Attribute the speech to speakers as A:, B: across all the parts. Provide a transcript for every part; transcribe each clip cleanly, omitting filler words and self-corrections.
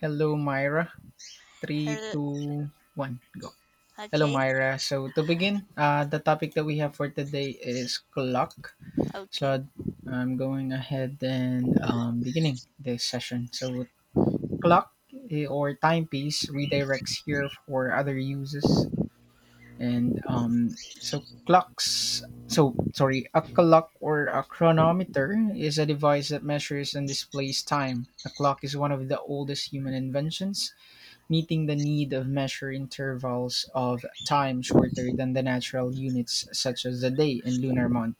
A: Hello, Myra. Three,
B: Hello.
A: two, one, go. Hello,
B: Okay,
A: Myra. So to begin, the topic that we have for today is clock.
B: okay.
A: So I'm going ahead and beginning this session. So clock, or timepiece redirects here for other uses, and so clocks. So sorry, a clock or a chronometer is a device that measures and displays time. A clock is one of the oldest human inventions, meeting the need of measure intervals of time shorter than the natural units such as the day and lunar month.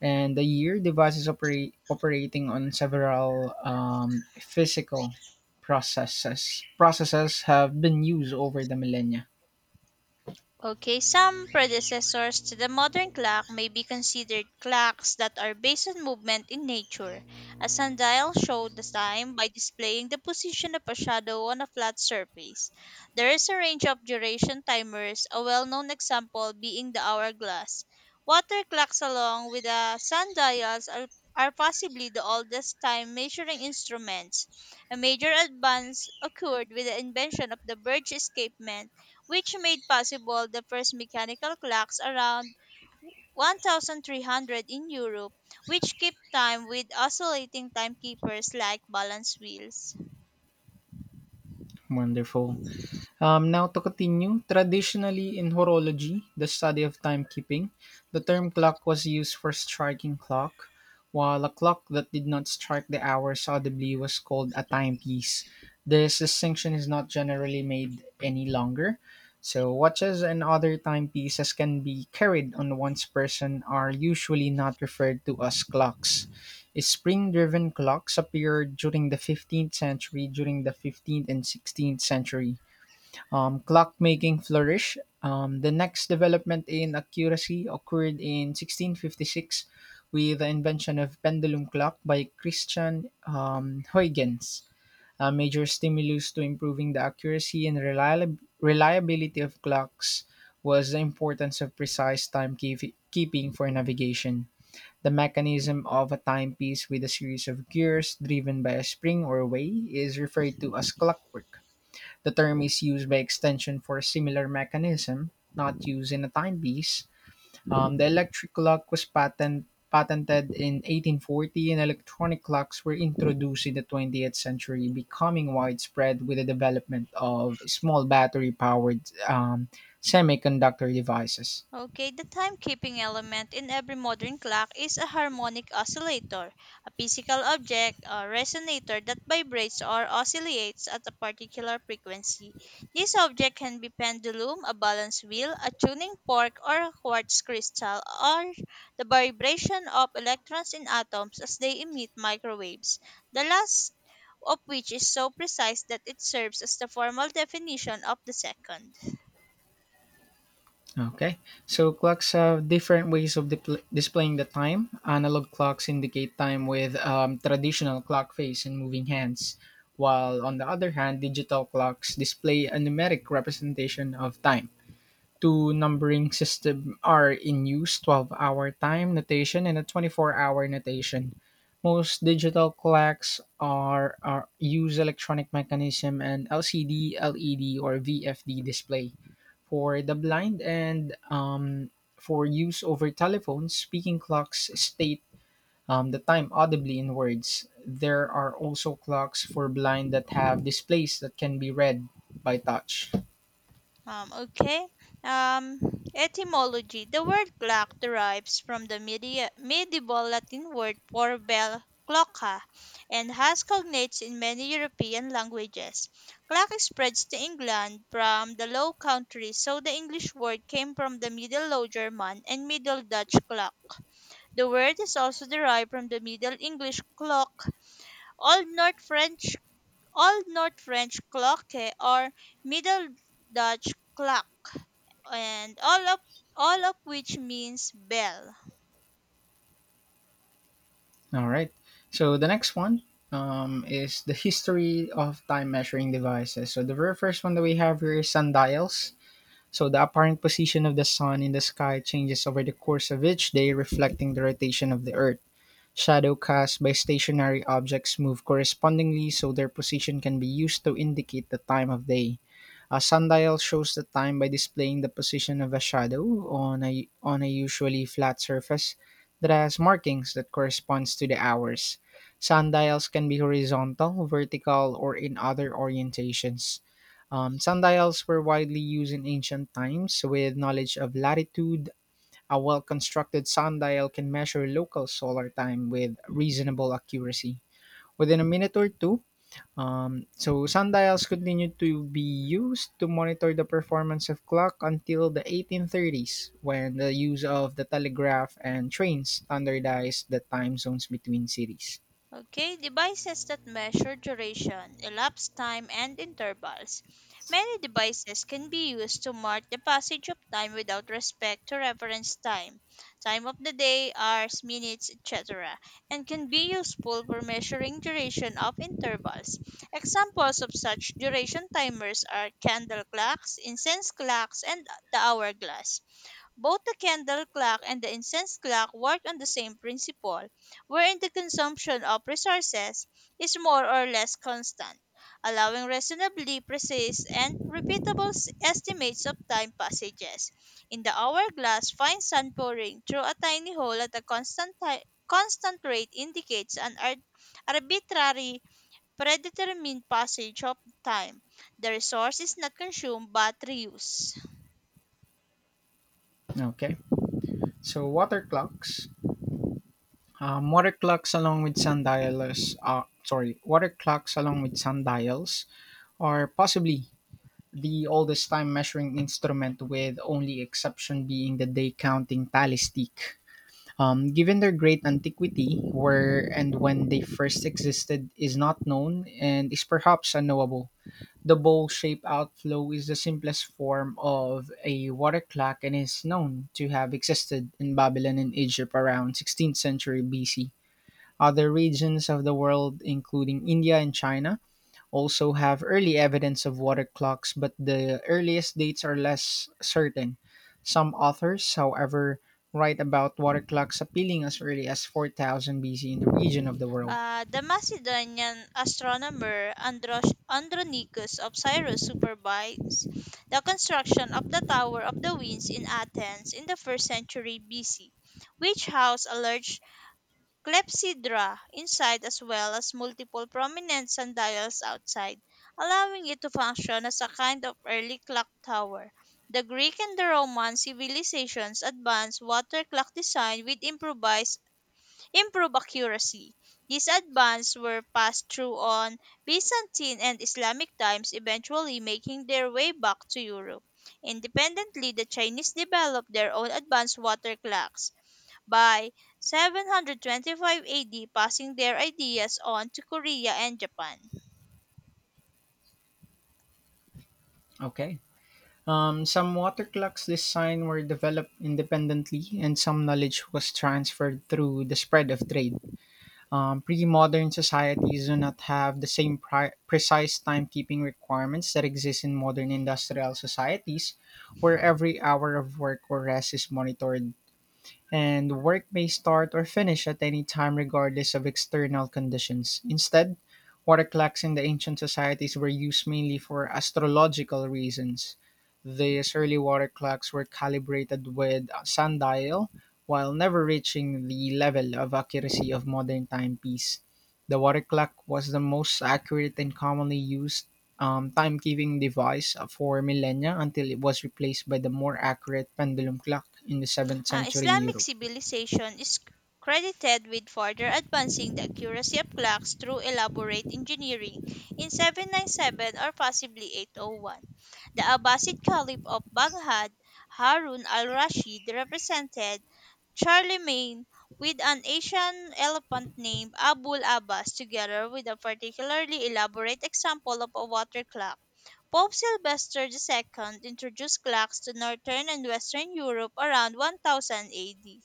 A: And the year operating on several physical processes. Processes have been used over the millennia.
B: Okay, some predecessors to the modern clock may be considered clocks that are based on movement in nature. A sundial showed the time by displaying the position of a shadow on a flat surface. There is a range of duration timers, a well known example being the hourglass. Water clocks, along with the sundials, are possibly the oldest time measuring instruments. A major advance occurred with the invention of the Birch escapement which made possible the first mechanical clocks around 1300 in Europe, which keep time with oscillating timekeepers like balance wheels.
A: Wonderful. Now to continue, traditionally in horology, the study of timekeeping, the term clock was used for striking clock, while a clock that did not strike the hours audibly was called a timepiece. This distinction is not generally made any longer. So watches and other timepieces can be carried on one's person are usually not referred to as clocks. Spring-driven clocks appeared during the 15th century. During the 15th and 16th century clockmaking flourished. The next development in accuracy occurred in 1656 with the invention of pendulum clock by Christian Huygens. A major stimulus to improving the accuracy and reliability of clocks was the importance of precise keeping for navigation. The mechanism of a timepiece with a series of gears driven by a spring or whey is referred to as clockwork. The term is used by extension for a similar mechanism, not used in a timepiece. The electric clock was patented in 1840, and electronic clocks were introduced in the 20th century, becoming widespread with the development of small battery powered um, semiconductor devices.
B: Okay, the timekeeping element in every modern clock is a harmonic oscillator, a physical object or resonator that vibrates or oscillates at a particular frequency. This object can be pendulum, a balance wheel, a tuning fork, or a quartz crystal, or the vibration of electrons in atoms as they emit microwaves. The last of which is so precise that it serves as the formal definition of the second.
A: Okay, so clocks have different ways of displaying the time. Analog clocks indicate time with traditional clock face and moving hands, while on the other hand, digital clocks display a numeric representation of time. Two numbering systems are in use: 12-hour time notation and a 24-hour notation. Most digital clocks are use electronic mechanism and LCD, LED, or VFD display. For the blind and for use over telephones, speaking clocks state the time audibly in words. There are also clocks for blind that have displays that can be read by touch.
B: Okay. Um, Etymology. The word clock derives from the medieval Latin word for bell, cloca, and has cognates in many European languages. Clock spreads to England from the Low Countries, so the English word came from the Middle Low German and Middle Dutch clock. The word is also derived from the Middle English clock, Old North French Old North French cloque or Middle Dutch klok, and all of which means bell.
A: All right. So the next one is the history of time measuring devices. So the very first one that we have here is sundials. So the apparent position of the sun in the sky changes over the course of each day, reflecting the rotation of the earth. Shadow casts by stationary objects move correspondingly, so their position can be used to indicate the time of day. A sundial shows the time by displaying the position of a shadow on a usually flat surface that has markings that corresponds to the hours. Sundials can be horizontal, vertical, or in other orientations. Sundials were widely used in ancient times. With knowledge of latitude, a well constructed sundial can measure local solar time with reasonable accuracy within a minute or two. Sundials continued to be used to monitor the performance of clock until the 1830s, when the use of the telegraph and trains standardized the time zones between cities.
B: Okay, devices that measure duration, elapsed time, and intervals. Many devices can be used to mark the passage of time without respect to reference time, time of the day, hours, minutes, etc., and can be useful for measuring duration of intervals. Examples of such duration timers are candle clocks, incense clocks, and the hourglass. Both the candle clock and the incense clock work on the same principle, wherein the consumption of resources is more or less constant, allowing reasonably precise and repeatable estimates of time passages. In the hourglass, fine sun pouring through a tiny hole at a constant rate indicates an arbitrary predetermined passage of time. The resource is not consumed but reused.
A: Okay. So, water clocks. Water clocks along with sundials, sorry, water clocks along with sundials are possibly the oldest time measuring instrument, with only exception being the day counting tally stick. Given their great antiquity, where and when they first existed is not known and is perhaps unknowable. The bowl shaped outflow is the simplest form of a water clock and is known to have existed in Babylon and Egypt around 16th century BC. Other regions of the world, including India and China, also have early evidence of water clocks, but the earliest dates are less certain. Some authors, however, write about water clocks appealing as early as 4000 BC in the region of the world.
B: The Macedonian astronomer Andronicus of Cyrus supervised the construction of the Tower of the Winds in Athens in the 1st century BC, which housed a large clepsydra inside as well as multiple prominent sundials outside, allowing it to function as a kind of early clock tower. The Greek and the Roman civilizations advanced water clock design with improvised improve accuracy. These advances were passed through on Byzantine and Islamic times, eventually making their way back to Europe. Independently, the Chinese developed their own advanced water clocks by 725 AD, passing their ideas on to Korea and Japan.
A: Okay. Some water clocks design were developed independently, and some knowledge was transferred through the spread of trade. Pre-modern societies do not have the same precise timekeeping requirements that exist in modern industrial societies, where every hour of work or rest is monitored and work may start or finish at any time regardless of external conditions. Instead, water clocks in the ancient societies were used mainly for astrological reasons. These early water clocks were calibrated with a sundial while never reaching the level of accuracy of modern timepiece. The water clock was the most accurate and commonly used timekeeping device for millennia until it was replaced by the more accurate pendulum clock in the 7th century
B: Islamic
A: Europe.
B: civilization is credited with further advancing the accuracy of clocks through elaborate engineering in 797 or possibly 801. The Abbasid Caliph of Baghdad, Harun al-Rashid, represented Charlemagne with an Asian elephant named Abul Abbas together with a particularly elaborate example of a water clock. Pope Sylvester II introduced clocks to northern and western Europe around 1000 AD.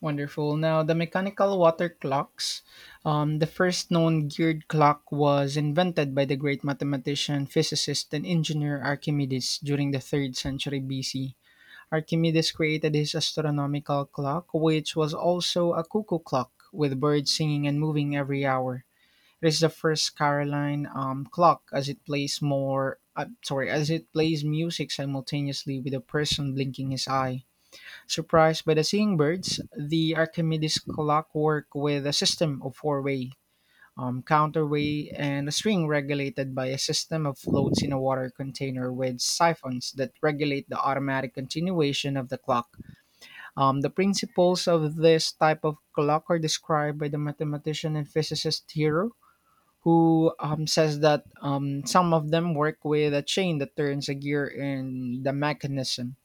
A: Wonderful. Now, the mechanical water clocks, the first known geared clock was invented by the great mathematician, physicist, and engineer Archimedes during the 3rd century BC. Archimedes created his astronomical clock, which was also a cuckoo clock with birds singing and moving every hour. It is the first Caroline clock as it plays as it plays music simultaneously with a person blinking his eye. Surprised by the singing birds, the Archimedes clock worked with a system of four-way, counterweight, and a string regulated by a system of floats in a water container with siphons that regulate the automatic continuation of the clock. The principles of this type of clock are described by the mathematician and physicist Hero, who says that some of them work with a chain that turns a gear in the mechanism.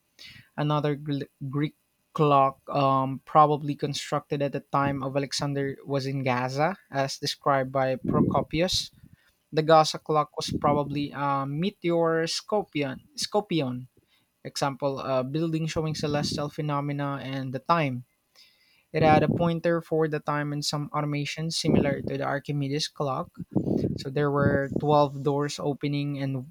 A: Another Greek clock, probably constructed at the time of Alexander, was in Gaza, as described by Procopius. The Gaza clock was probably a meteor scopion example, a building showing celestial phenomena and the time. It had a pointer for the time and some automation similar to the Archimedes clock. So there were 12 doors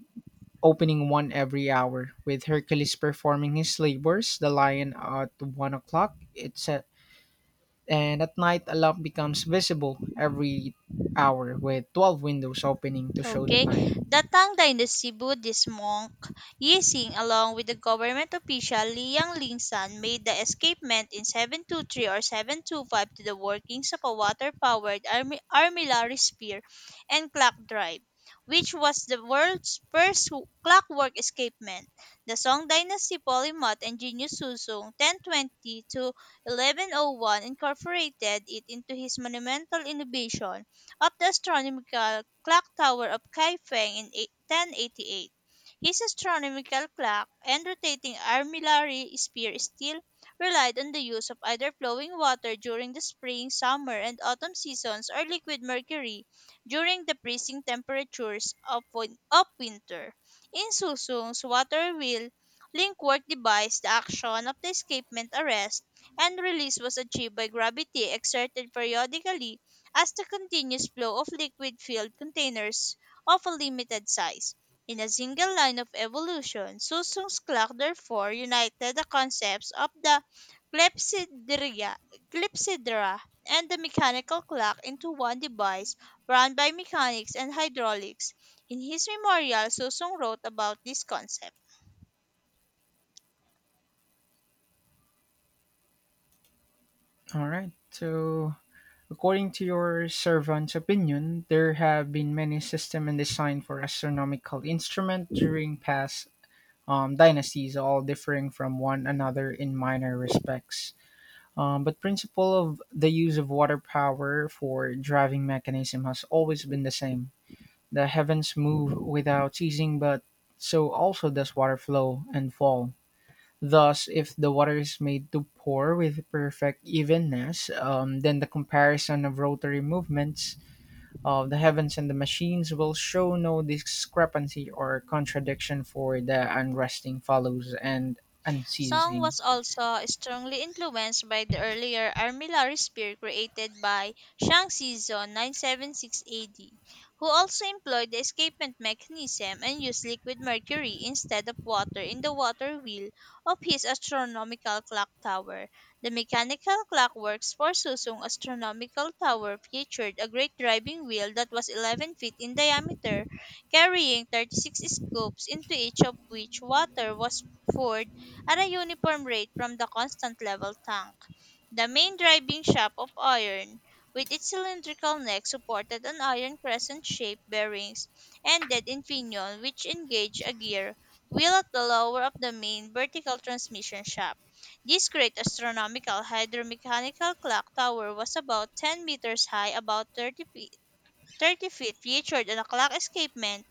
A: opening one every hour, with Hercules performing his labors, the lion at 1 o'clock. And at night a lamp becomes visible every hour, with 12 windows opening to show the
B: Okay,
A: time.
B: datang Dynasty Buddhist monk Yixing, along with the government official Liang Lingsan, made the escapement in 723 or 725 to the workings of a water-powered armillary spear and clock drive, which was the world's first clockwork escapement. The Song Dynasty polymath and genius Suzong 1020 to 1101 incorporated it into his monumental innovation of the astronomical clock tower of Kaifeng in 1088. His astronomical clock and rotating armillary sphere still relied on the use of either flowing water during the spring, summer, and autumn seasons or liquid mercury during the freezing temperatures of winter. In Susung's water wheel link work device, the action of the escapement arrest and release was achieved by gravity exerted periodically as the continuous flow of liquid filled containers of a limited size. In a single line of evolution, Susung's clock therefore united the concepts of the clepsydra, clepsydra and the mechanical clock into one device run by mechanics and hydraulics. In his memorial, Susung wrote about this concept.
A: All right. So, according to your servant's opinion, there have been many system and design for astronomical instrument during past dynasties, all differing from one another in minor respects. But principle of the use of water power for driving mechanism has always been the same. The heavens move without ceasing, but so also does water flow and fall. Thus, if the water is made to pour with perfect evenness, then the comparison of rotary movements of the heavens and the machines will show no discrepancy or contradiction, for the unresting follows and
B: Song
A: unceasing.
B: was also strongly influenced by the earlier armillary spear created by Shang Xizong 976 AD, who also employed the escapement mechanism and used liquid mercury instead of water in the water wheel of his astronomical clock tower. The mechanical clockworks for Susung astronomical tower featured a great driving wheel that was 11 feet in diameter, carrying 36 scoops, into each of which water was poured at a uniform rate from the constant level tank. The main driving shaft of iron, with its cylindrical neck supported on iron crescent-shaped bearings, ended in pinion which engage a gear wheel at the lower of the main vertical transmission shaft. This great astronomical hydromechanical clock tower was about 10 meters high, about 30 feet featured a clock escapement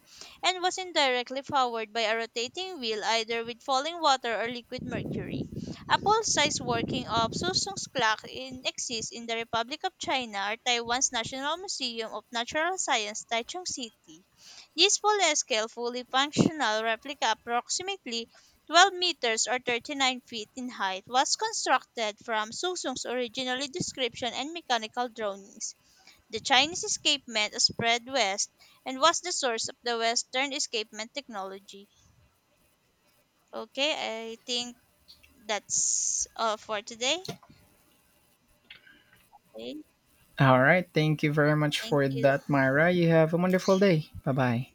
B: and was indirectly powered by a rotating wheel either with falling water or liquid mercury. A full-size working of Susung's clock exists in the Republic of China or Taiwan's National Museum of Natural Science, Taichung City. This full-scale, fully functional replica approximately 12 meters or 39 feet in height was constructed from Susung's original description and mechanical drawings. The Chinese escapement spread west and was the source of the Western escapement technology. Okay, I think that's all for today. Okay,
A: All right. Thank you very much
B: thank
A: for
B: you.
A: that, Myra. You have a wonderful day. Bye bye.